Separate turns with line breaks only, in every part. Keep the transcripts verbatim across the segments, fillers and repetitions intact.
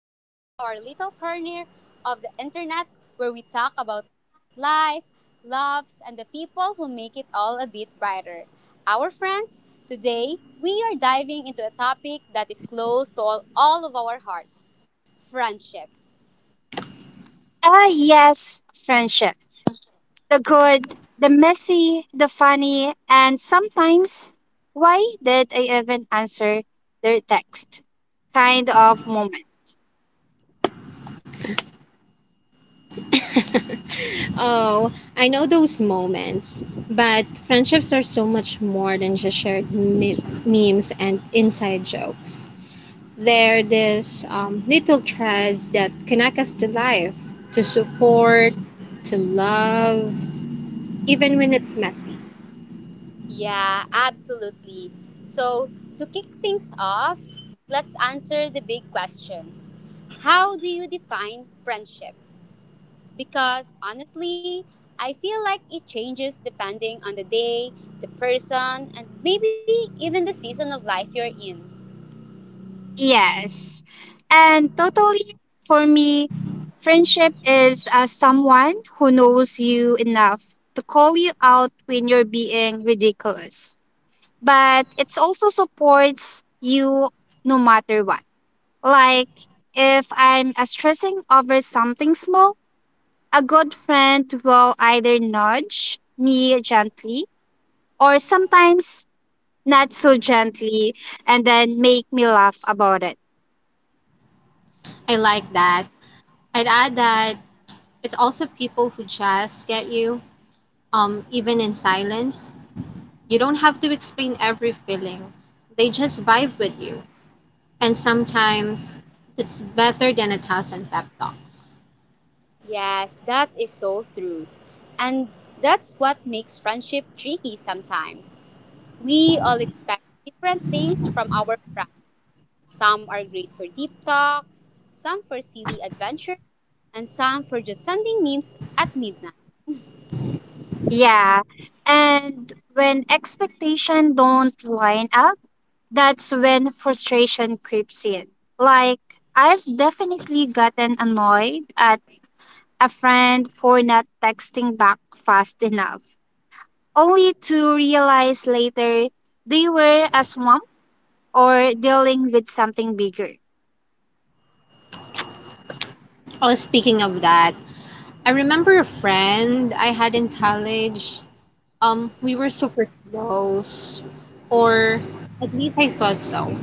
welcome back to our little corner of the internet where we talk about life, loves, and the people who make it all a bit brighter. Our friends, today we are diving into a topic that is close to all, all of our hearts, friendship.
Ah, yes, friendship. The good, the messy, the funny, and sometimes, why did I even answer their text? Kind of moment.
Oh, I know those moments. But friendships are so much more than just shared me- memes and inside jokes. They're these um, little threads that connect us to life, to support, to love, even when it's messy.
Yeah, absolutely. So, to kick things off, let's answer the big question: how do you define friendship? Because honestly, I feel like it changes depending on the day, the person, and maybe even the season of life you're in.
Yes. And totally, for me, friendship is uh, someone who knows you enough to call you out when you're being ridiculous. But it also supports you no matter what. Like if I'm uh, stressing over something small, a good friend will either nudge me gently or sometimes not so gently and then make me laugh about it.
I like that. I'd add that it's also people who just get you, um, even in silence. You don't have to explain every feeling, they just vibe with you, and sometimes it's better than a thousand pep talks.
Yes, that is so true. And that's what makes friendship tricky sometimes. We all expect different things from our friends. Some are great for deep talks, some for silly adventures, and some for just sending memes at midnight.
Yeah. And when expectation don't line up, that's when frustration creeps in. Like I've definitely gotten annoyed at a friend for not texting back fast enough only to realize later they were a swamp or dealing with something bigger.
Oh, speaking of that, I remember a friend I had in college. Um, we were super close, or at least I thought so.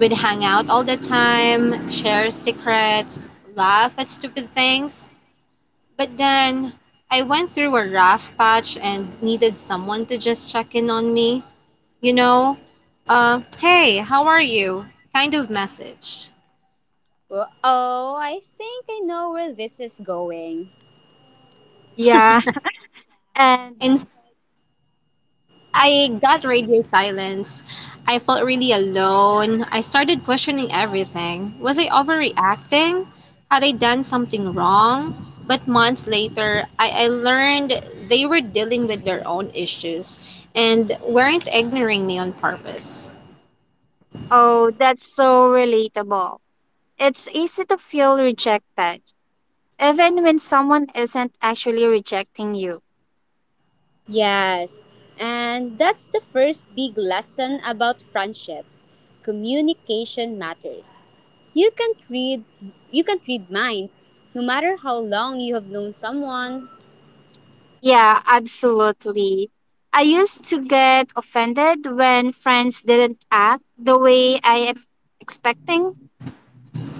We'd hang out all the time, share secrets, laugh at stupid things. But then I went through a rough patch and needed someone to just check in on me. You know, uh, hey, how are you? Kind of message.
Well, oh, I think I know where this is going.
Yeah, and
And I got radio silence. I felt really alone. I started questioning everything. Was I overreacting? Had I done something wrong? But months later, I, I learned they were dealing with their own issues and weren't ignoring me on purpose.
oh, that's so relatable. It's easy to feel rejected, even when someone isn't actually rejecting you.
Yes, and that's the first big lesson about friendship. Communication matters. You can't read you can't read minds no matter how long you have known someone.
Yeah, absolutely. I used to get offended when friends didn't act the way I am expecting.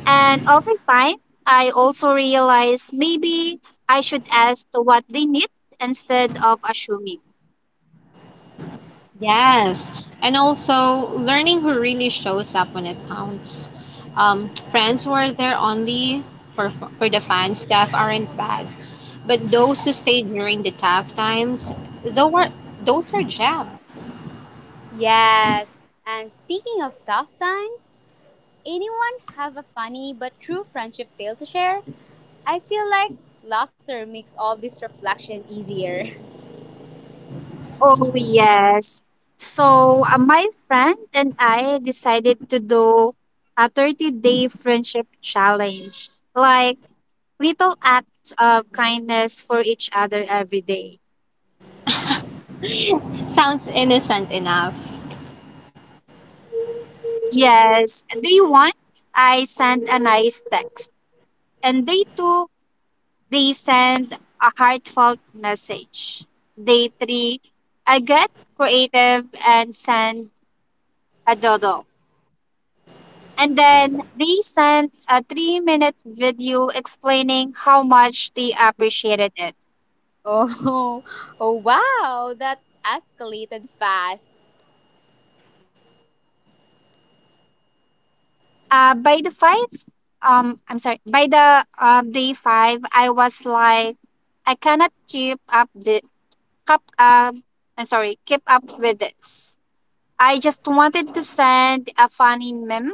And over time, I also realized maybe I should ask what they need instead of assuming.
Yes, and also learning who really shows up when it counts. Um, friends were there only for for the fans. Staff aren't bad, but those who stayed during the tough times, though, were those are gems.
Yes, and speaking of tough times, anyone have a funny but true friendship fail to share? I feel like laughter makes all this reflection easier.
Oh, yes. So uh, my friend and I decided to do a thirty day friendship challenge, like little acts of kindness for each other every day.
Sounds innocent enough.
Yes, day one, I sent a nice text, and day two, they send a heartfelt message. Day three, I get creative and send a doodle. And then they sent a three minute video explaining how much they appreciated it.
Oh, oh wow, that escalated fast.
Uh, by the five, um, I'm sorry, by the uh, day five, I was like, I cannot keep up the cup. Um, I'm sorry, keep up with this. I just wanted to send a funny meme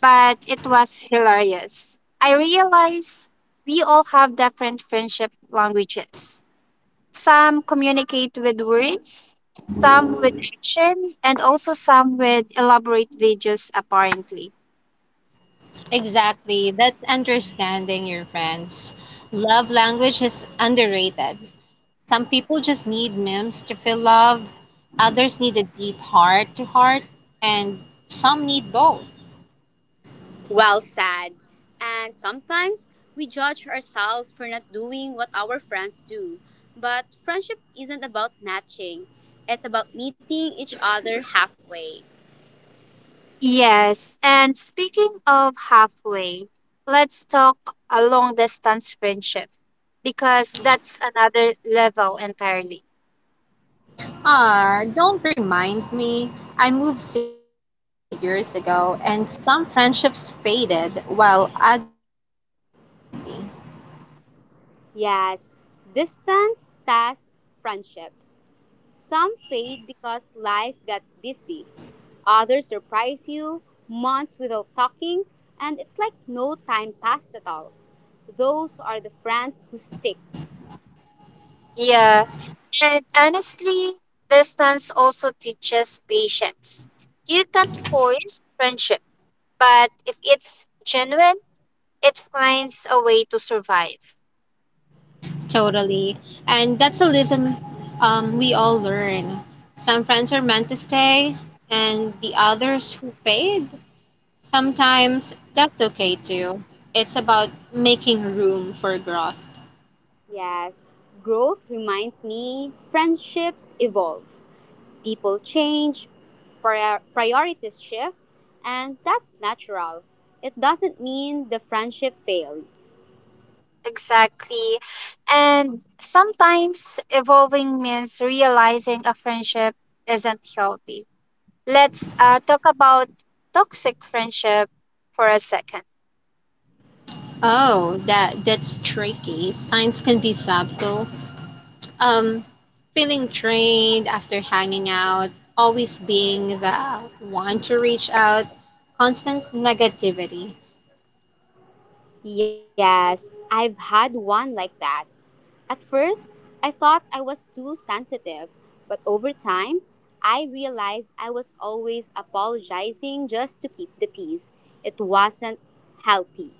but it was hilarious. I realized we all have different friendship languages. Some communicate with words, some with action, and also some with elaborate videos, apparently.
Exactly. That's understanding your friends. Love language is underrated. Some people just need memes to feel love, others need a deep heart to heart, and some need both.
Well sad, and sometimes we judge ourselves for not doing what our friends do. But friendship isn't about matching, it's about meeting each other halfway.
Yes, and speaking of halfway, let's talk a long distance friendship because that's another level entirely.
Ah, don't remind me. I moved cities a few years ago, and some friendships faded while others thrive unexpectedly.
Yes, distance tests friendships. Some fade because life gets busy. Others surprise you months without talking, and it's like no time passed at all. Those are the friends who stick.
Yeah, and honestly, distance also teaches patience. You can't force friendship, but if it's genuine, it finds a way to survive.
Totally. And that's a lesson um, we all learn. Some friends are meant to stay, and the others who fade, sometimes that's okay too. It's about making room for growth.
Yes, growth reminds me friendships evolve, people change, prior- priorities shift, and that's natural. It doesn't mean the friendship failed.
Exactly. And sometimes evolving means realizing a friendship isn't healthy. Let's uh, talk about toxic friendship for a second.
Oh, that that's tricky. Signs can be subtle. Um, Feeling drained after hanging out, always being the one to reach out, constant negativity.
Yes, I've had one like that. At first, I thought I was too sensitive, but over time, I realized I was always apologizing just to keep the peace. It wasn't healthy.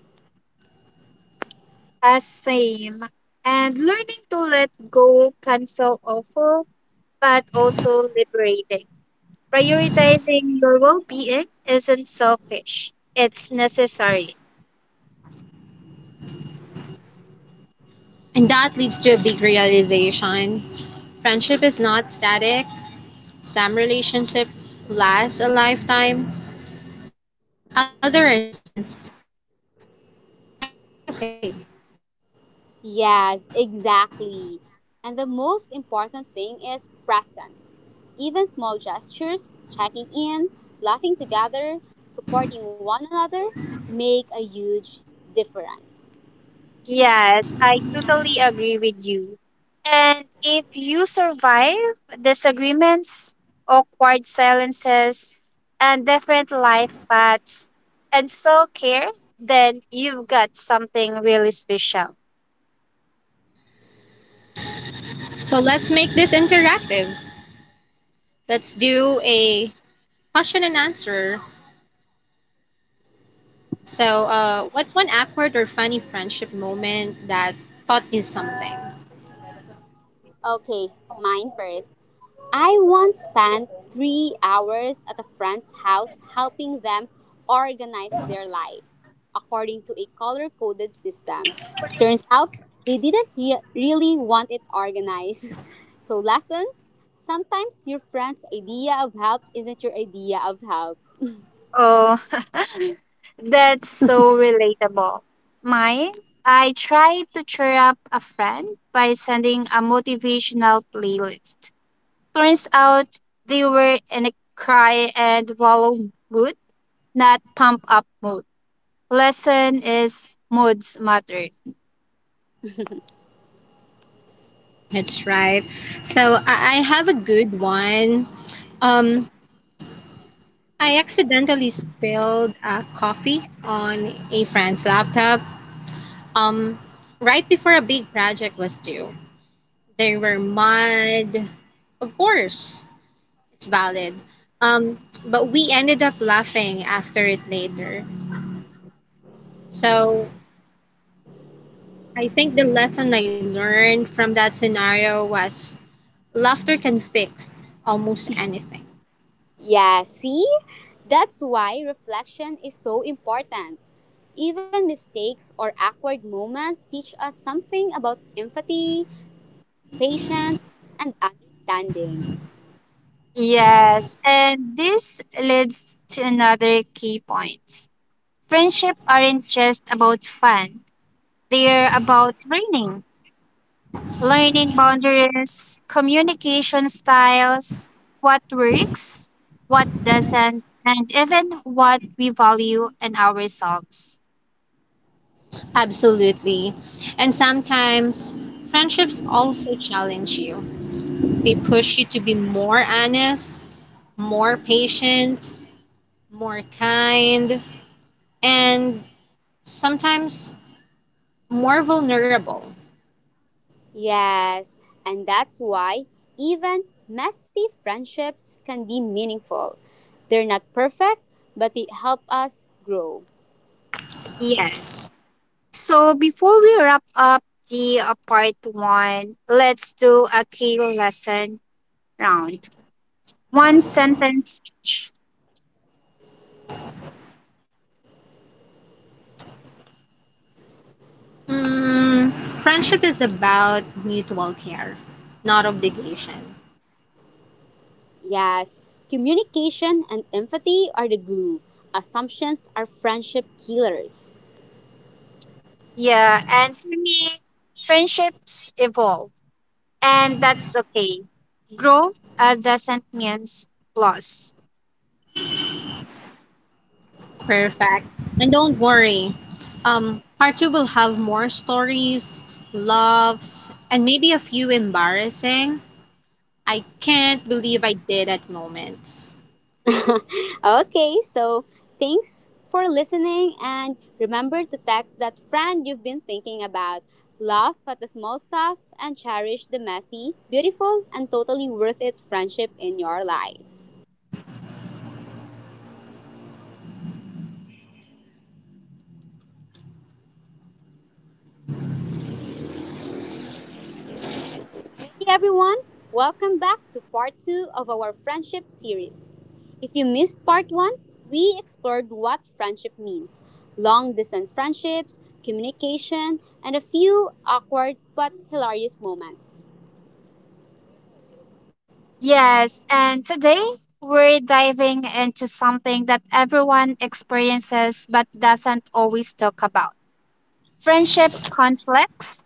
Uh, same. And learning to let go can feel awful, but also liberating. Prioritizing your well being isn't selfish, it's necessary.
And that leads to a big realization. Friendship is not static. Some relationship lasts a lifetime, other are seasons. And that is and that is okay.
Yes, exactly. And the most important thing is presence. Even small gestures, checking in, laughing together, supporting one another, make a huge difference.
Yes, I totally agree with you. And if you survive disagreements, awkward silences, and different life paths, and self care, then you've got something really special.
So let's make this interactive. Let's do a question and answer. So, uh, what's one awkward or funny friendship moment that taught you something?
Okay, mine first. I once spent three hours at a friend's house helping them organize their life according to a color coded system. Turns out they didn't re- really want it organized. So, lesson: sometimes your friend's idea of help isn't your idea of help.
Oh, that's so relatable. Mine, I tried to cheer up a friend by sending a motivational playlist. Turns out they were in a cry and wallow mood, not pump up mood. Lesson is moods matter.
That's right. So, I, I have a good one. Um, I accidentally spilled uh, coffee on a friend's laptop, um, right before a big project was due. They were mad, of course. It's valid. Um, but we ended up laughing after it later. So I think the lesson I learned from that scenario was laughter can fix almost anything.
Yeah, see? That's why reflection is so important. Even mistakes or awkward moments teach us something about empathy, patience, and understanding.
Yes, and this leads to another key point. Friendship aren't just about fun. They're about learning. Learning boundaries, communication styles, what works, what doesn't, and even what we value in ourselves.
Absolutely. And sometimes friendships also challenge you. They push you to be more honest, more patient, more kind, and sometimes more vulnerable.
Yes, and that's why even messy friendships can be meaningful. They're not perfect, but they help us grow.
Yes. So before we wrap up the uh, part one, let's do a key lesson round. One sentence each.
Mm, friendship is about mutual care, not obligation.
Yes, communication and empathy are the glue. Assumptions are friendship killers.
Yeah, and for me, friendships evolve, and that's okay. Growth uh, doesn't mean loss.
Perfect. And don't worry, um, part two will have more stories, loves, and maybe a few embarrassing. I can't believe I did at moments.
Okay, so thanks for listening, and remember to text that friend you've been thinking about. Laugh at the small stuff and cherish the messy, beautiful, and totally worth it friendship in your life. Hey everyone, welcome back to part two of our friendship series. If you missed part one, we explored what friendship means, long distance friendships, communication, and a few awkward but hilarious moments.
Yes, and today we're diving into something that everyone experiences but doesn't always talk about friendship conflicts,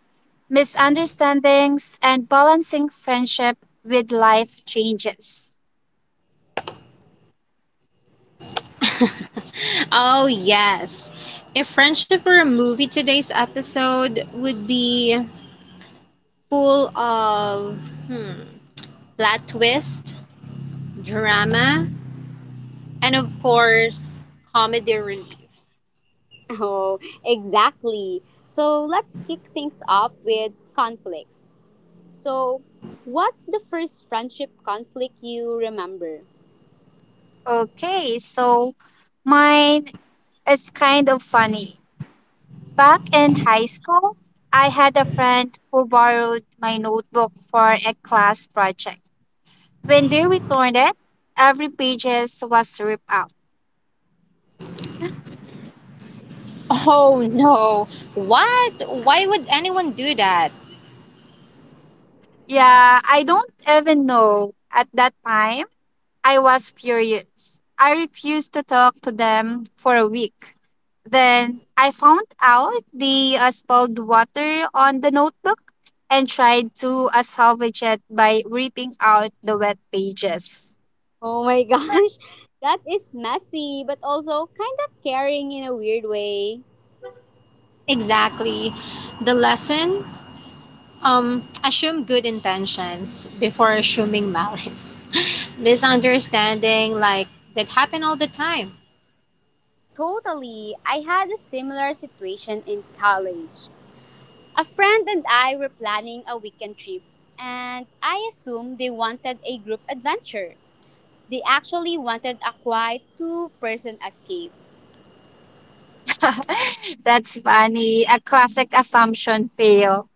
misunderstandings, and balancing friendship with life changes.
Oh yes. If friendship were a movie, today's episode would be full of hmm, plot twist, drama, and of course, comedy relief.
Oh, exactly. So let's kick things off with conflicts. So, what's the first friendship conflict you remember?
Okay, so mine is kind of funny. Back in high school, I had a friend who borrowed my notebook for a class project. When they returned it, every pages was ripped out.
Oh no, what? Why would anyone do that?
Yeah, I don't even know. At that time, I was furious. I refused to talk to them for a week. Then I found out they uh, spilled water on the notebook and tried to uh, salvage it by ripping out the wet pages.
Oh my gosh, that is messy, but also kind of caring in a weird way.
Exactly. The lesson, um, assume good intentions before assuming malice. Misunderstanding, like, that happen all the time,
Totally, I had a similar situation in college. A friend and I were planning a weekend trip, and I assumed they wanted a group adventure. They actually wanted a quiet two person escape.
That's funny. A classic assumption fail.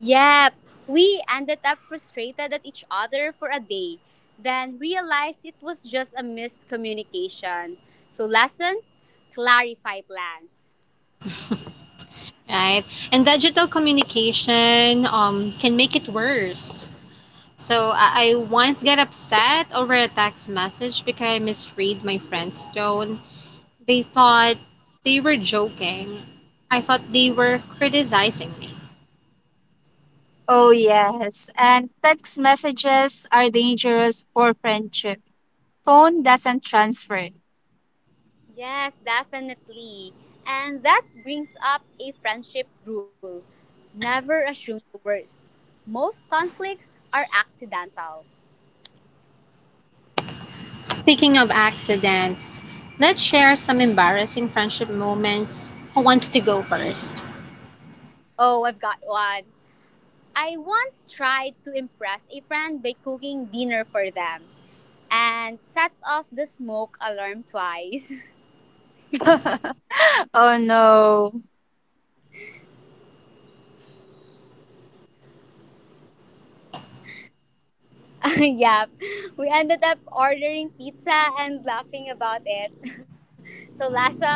Yep, we ended up frustrated at each other for a day, then realized it was just a miscommunication. So, lesson: clarify plans.
right? And digital communication um, can make it worse. So I, I once got upset over a text message because I misread my friend's tone. They thought they were joking. I thought they were criticizing me.
Oh, yes. And text messages are dangerous for friendship. Phone doesn't transfer.
Yes, definitely. And that brings up a friendship rule: never assume the worst. Most conflicts are accidental.
Speaking of accidents, let's share some embarrassing friendship moments. Who wants to go first?
Oh, I've got one. I once tried to impress a friend by cooking dinner for them and set off the smoke alarm twice.
Oh no.
Yeah, we ended up ordering pizza and laughing about it. So, lesson: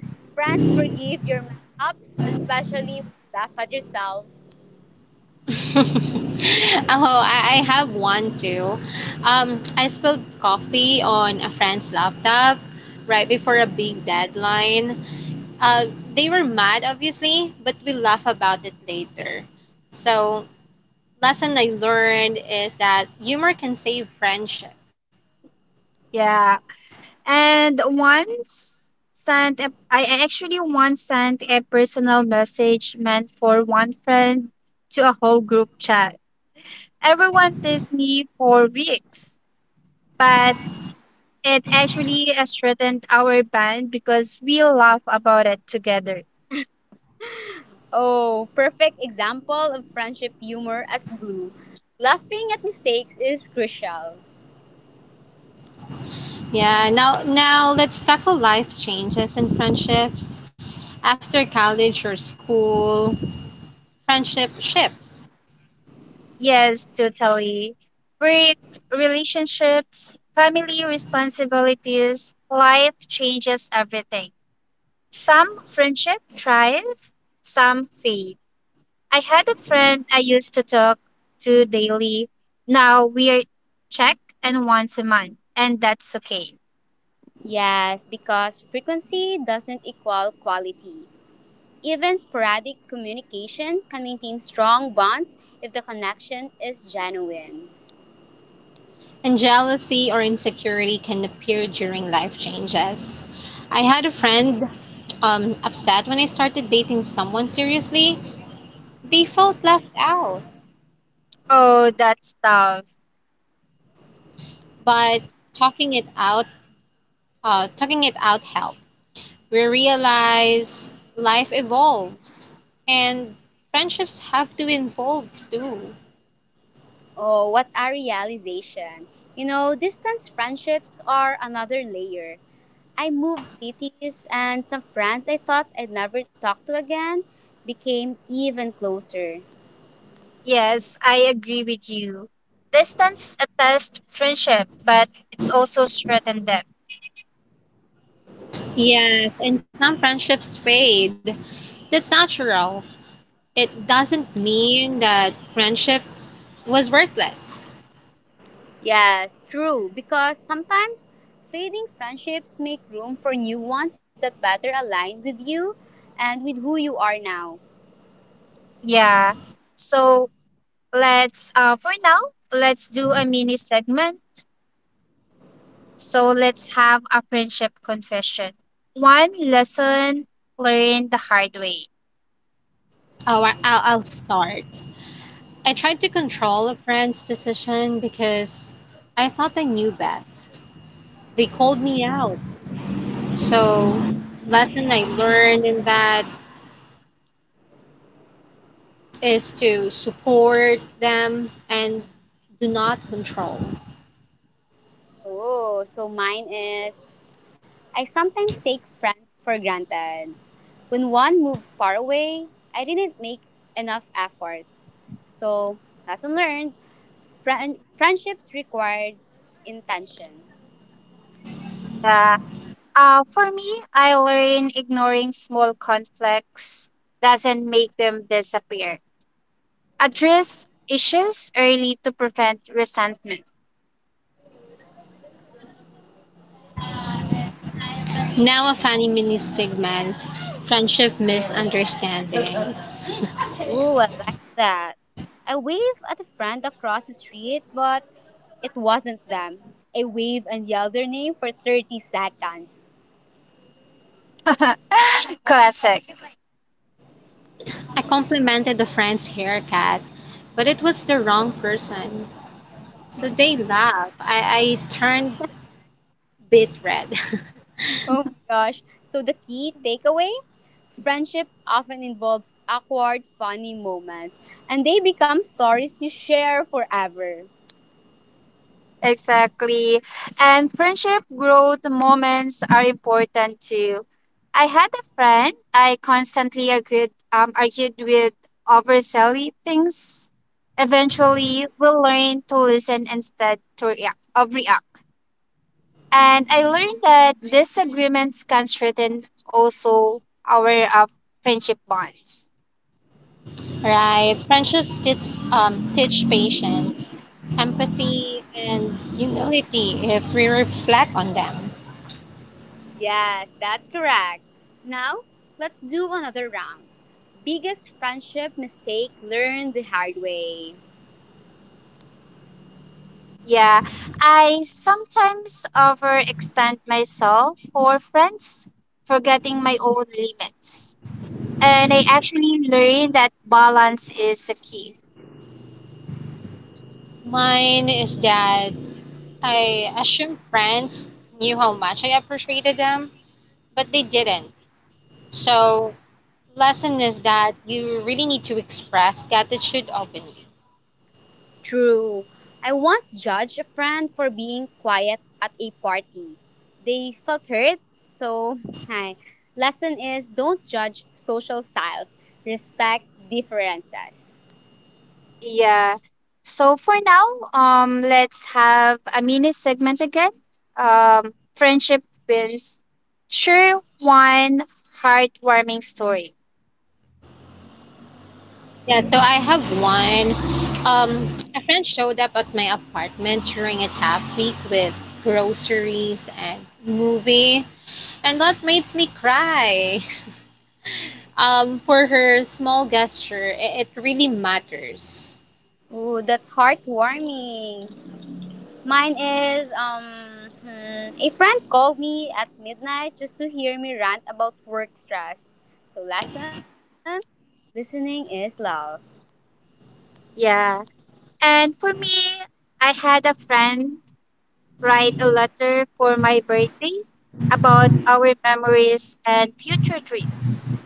friends forgive your mess ups, especially when you laugh at yourself.
Oh, I, I have one too. Um, I spilled coffee on a friend's laptop right before a big deadline. Uh, they were mad, obviously, but we laugh about it later. So lesson I learned is that humor can save friendships.
Yeah. And once sent a, I I actually once sent a personal message meant for one friend to a whole group chat. Everyone teased me for weeks, but it actually uh, strengthened our band because we laugh about it together.
Oh, perfect example of friendship humor as glue. Laughing at mistakes is crucial.
Yeah, now now let's tackle life changes and friendships after college or school. Friendship shifts,
Yes, totally. Work, relationships, family responsibilities, life changes everything. Some friendship thrive, some fade. I had a friend I used to talk to daily. Now we're check and once a month, and that's okay.
Yes, because frequency doesn't equal quality. Even sporadic communication can maintain strong bonds if the connection is genuine.
and jealousy or insecurity can appear during life changes. I had a friend um, upset when I started dating someone seriously. They felt left out,
Oh, that's tough.
but talking it out, uh, talking it out helped. We realize life evolves and friendships have to evolve too.
Oh, what a realization. You know, distance friendships are another layer. I moved cities, and some friends I thought I'd never talk to again became even closer.
Yes, I agree with you. Distance attests friendship, but it's also strengthened them.
Yes, and some friendships fade. That's natural. It doesn't mean that friendship was worthless.
Yes, true, because sometimes fading friendships make room for new ones that better align with you and with who you are now.
Yeah. So let's uh for now, let's do a mini segment. So let's have a friendship confession. One lesson learned the hard way.
Oh, I- I'll, I'll start. I tried to control a friend's decision because I thought I knew best. They called me out. So, lesson I learned in that is to support them and do not control.
Oh, so mine is I sometimes take friends for granted. When one moved far away, I didn't make enough effort. So, lesson learned: friend- friendships required intention.
Yeah. Uh, for me, I learned ignoring small conflicts doesn't make them disappear. Address issues early to prevent resentment.
Now a funny mini segment, friendship misunderstandings.
Ooh, I like that. I waved at a friend across the street, but it wasn't them. I waved and yelled their name for thirty seconds.
Classic.
I complimented a friend's haircut, but it was the wrong person. So they laughed. I, I turned bit red.
Oh my gosh. So, the key takeaway: friendship often involves awkward, funny moments, and they become stories you share forever.
Exactly. And friendship growth moments are important too. I had a friend I constantly argued um argued with over silly things. Eventually, we learned to listen instead to react, of react. And I learned that disagreements can strengthen also our uh, friendship bonds.
Right. Friendships teach um teach patience, empathy and humility if we reflect on them.
Yes, that's correct. Now, let's do another round. Biggest friendship mistake learned the hard way.
Yeah, I sometimes overextend myself for friends, forgetting my own limits. And I actually learned that balance is a key.
Mine is that I assume friends knew how much I appreciated them, but they didn't. So, lesson is that you really need to express gratitude openly.
True. I once judged a friend for being quiet at a party. They felt hurt, so hi. Lesson is don't judge social styles. Respect differences.
Yeah. So for now, um, let's have a mini segment again. Um, friendship wins. Sure, one heartwarming story.
Yeah, so I have one. Um, a friend showed up at my apartment during a tough week with groceries and movie, and that makes me cry. Um, for her small gesture, it, it really matters.
Oh, that's heartwarming. Mine is um hmm, a friend called me at midnight just to hear me rant about work stress. So lesson: listening is love.
Yeah. And for me, I had a friend write a letter for my birthday about our memories and future dreams.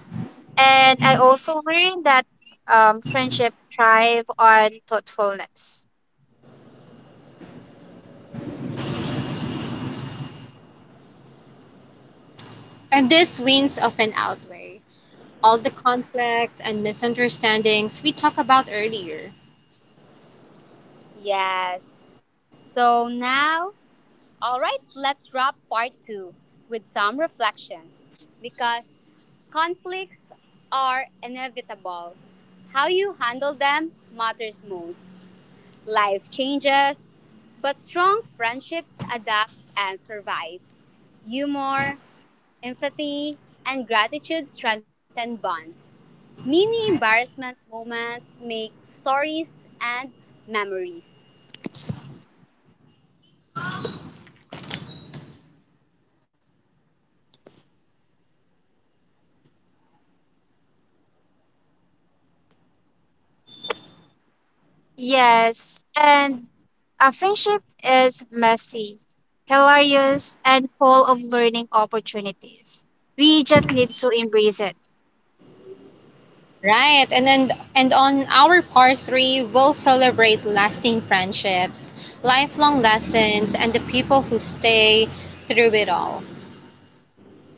And I also learned that um, friendship thrive on thoughtfulness.
And these wins often outweigh all the conflicts and misunderstandings we talked about earlier.
Yes. So now, all right, let's wrap part two with some reflections, because conflicts are inevitable. How you handle them matters most. Life changes, but strong friendships adapt and survive. Humor, empathy, and gratitude strengthen bonds. Mini embarrassment moments make stories and memories.
Yes, and a friendship is messy, hilarious, and full of learning opportunities. We just need to embrace it.
Right. And then and on our part three, we'll celebrate lasting friendships, lifelong lessons and the people who stay through it all.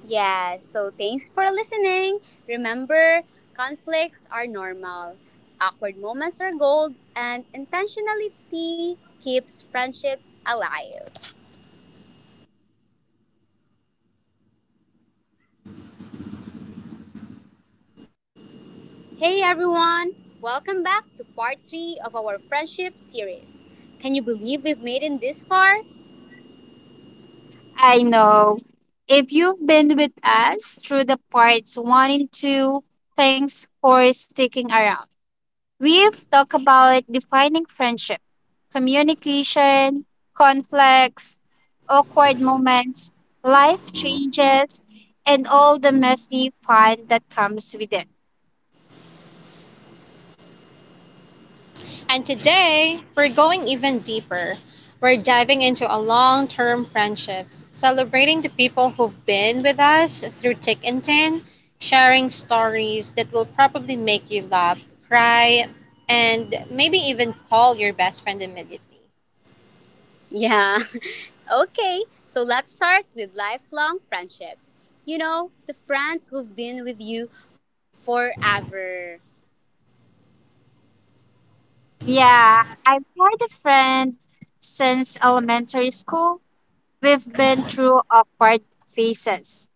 Yeah, so thanks for listening. Remember, conflicts are normal, awkward moments are gold, and intentionality keeps friendships alive. Hey everyone, welcome back to part three of our friendship series. Can you believe we've made it this far?
I know. If you've been with us through the parts one and two, thanks for sticking around. We've talked about defining friendship, communication, conflicts, awkward moments, life changes, and all the messy fun that comes with it.
And today, we're going even deeper. We're diving into our long term friendships, celebrating the people who've been with us through thick and thin, sharing stories that will probably make you laugh, cry, and maybe even call your best friend immediately.
Yeah. Okay, so let's start with lifelong friendships. You know, the friends who've been with you forever.
Yeah, I've had a friend since elementary school. We've been through awkward phases.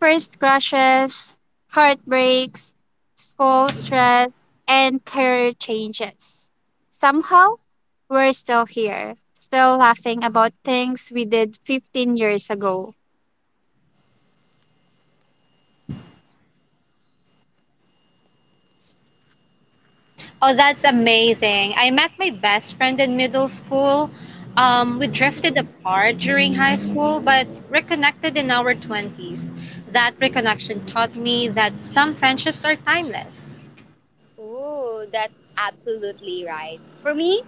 First crushes, heartbreaks, school stress, and career changes. Somehow, we're still here, still laughing about things we did fifteen years ago.
Oh, that's amazing. I met my best friend in middle school. Um, we drifted apart during high school, but reconnected in our twenties. That reconnection taught me that some friendships are timeless.
Oh, that's absolutely right. For me,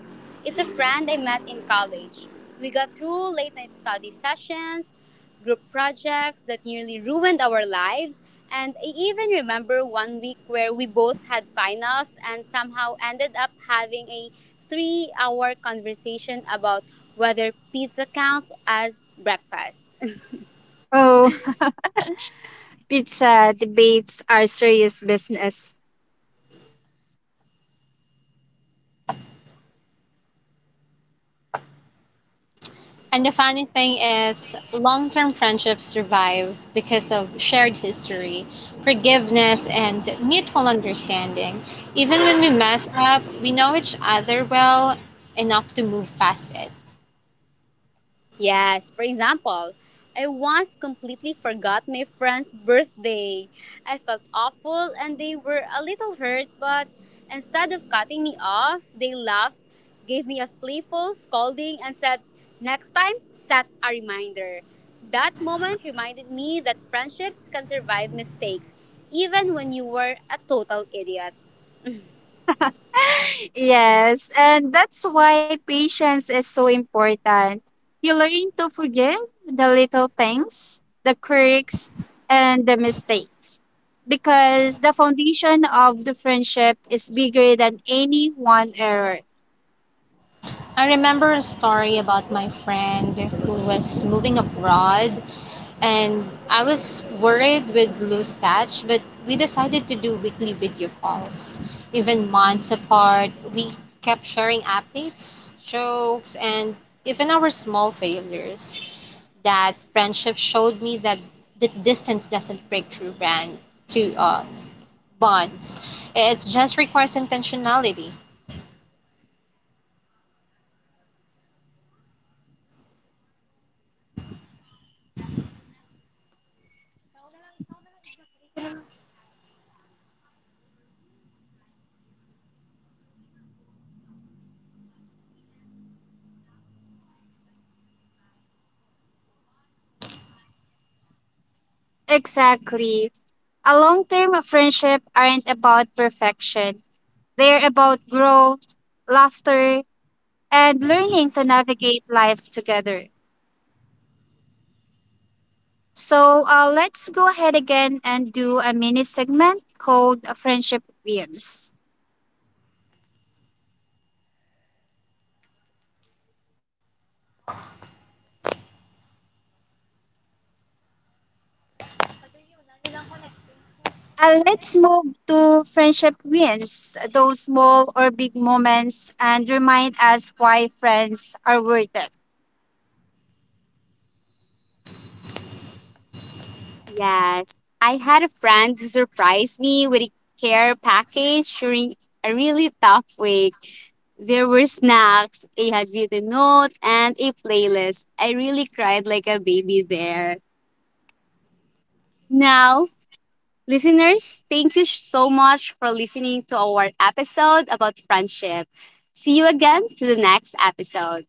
it's a friend I met in college. We got through late night study sessions, group projects that nearly ruined our lives, and I even remember one week where we both had finals and somehow ended up having a three hour conversation about whether pizza counts as breakfast.
Oh, pizza debates are serious business.
And the funny thing is, long term friendships survive because of shared history, forgiveness, and mutual understanding. Even when we mess up, we know each other well enough to move past it.
Yes, for example, I once completely forgot my friend's birthday. I felt awful and they were a little hurt, but instead of cutting me off, they laughed, gave me a playful scolding, and said, "Next time, set a reminder." That moment reminded me that friendships can survive mistakes, even when you were a total idiot.
Yes, and that's why patience is so important. You learn to forgive the little things, the quirks, and the mistakes. Because the foundation of the friendship is bigger than any one error.
I remember a story about my friend who was moving abroad, and I was worried we'd lose touch, but we decided to do weekly video calls. Even months apart, we kept sharing updates, jokes, and even our small failures. That friendship showed me that the distance doesn't break through brand to uh, bonds. It just requires intentionality.
Yes, well said. And some of the most memorable moments come from the messy parts. One of my friends and I had a massive fight over who would drive for a road trip. We were both stubborn, but in the end, we laughed so hard remembering the fight that it became one of our funniest stories.
Exactly. A long term friendship aren't about perfection, they're about growth, laughter, and learning to navigate life together. So uh, let's go ahead again and do a mini segment called uh, Friendship Wins. Uh, let's move to friendship wins, those small or big moments, and remind us why friends are worth it. Yes. I had a friend who surprised me with a care package during a really tough week. There were snacks, a handwritten note, and a playlist. I really cried like a baby there. Now, listeners, thank you so much for listening to our episode about friendship. See you again to the next episode.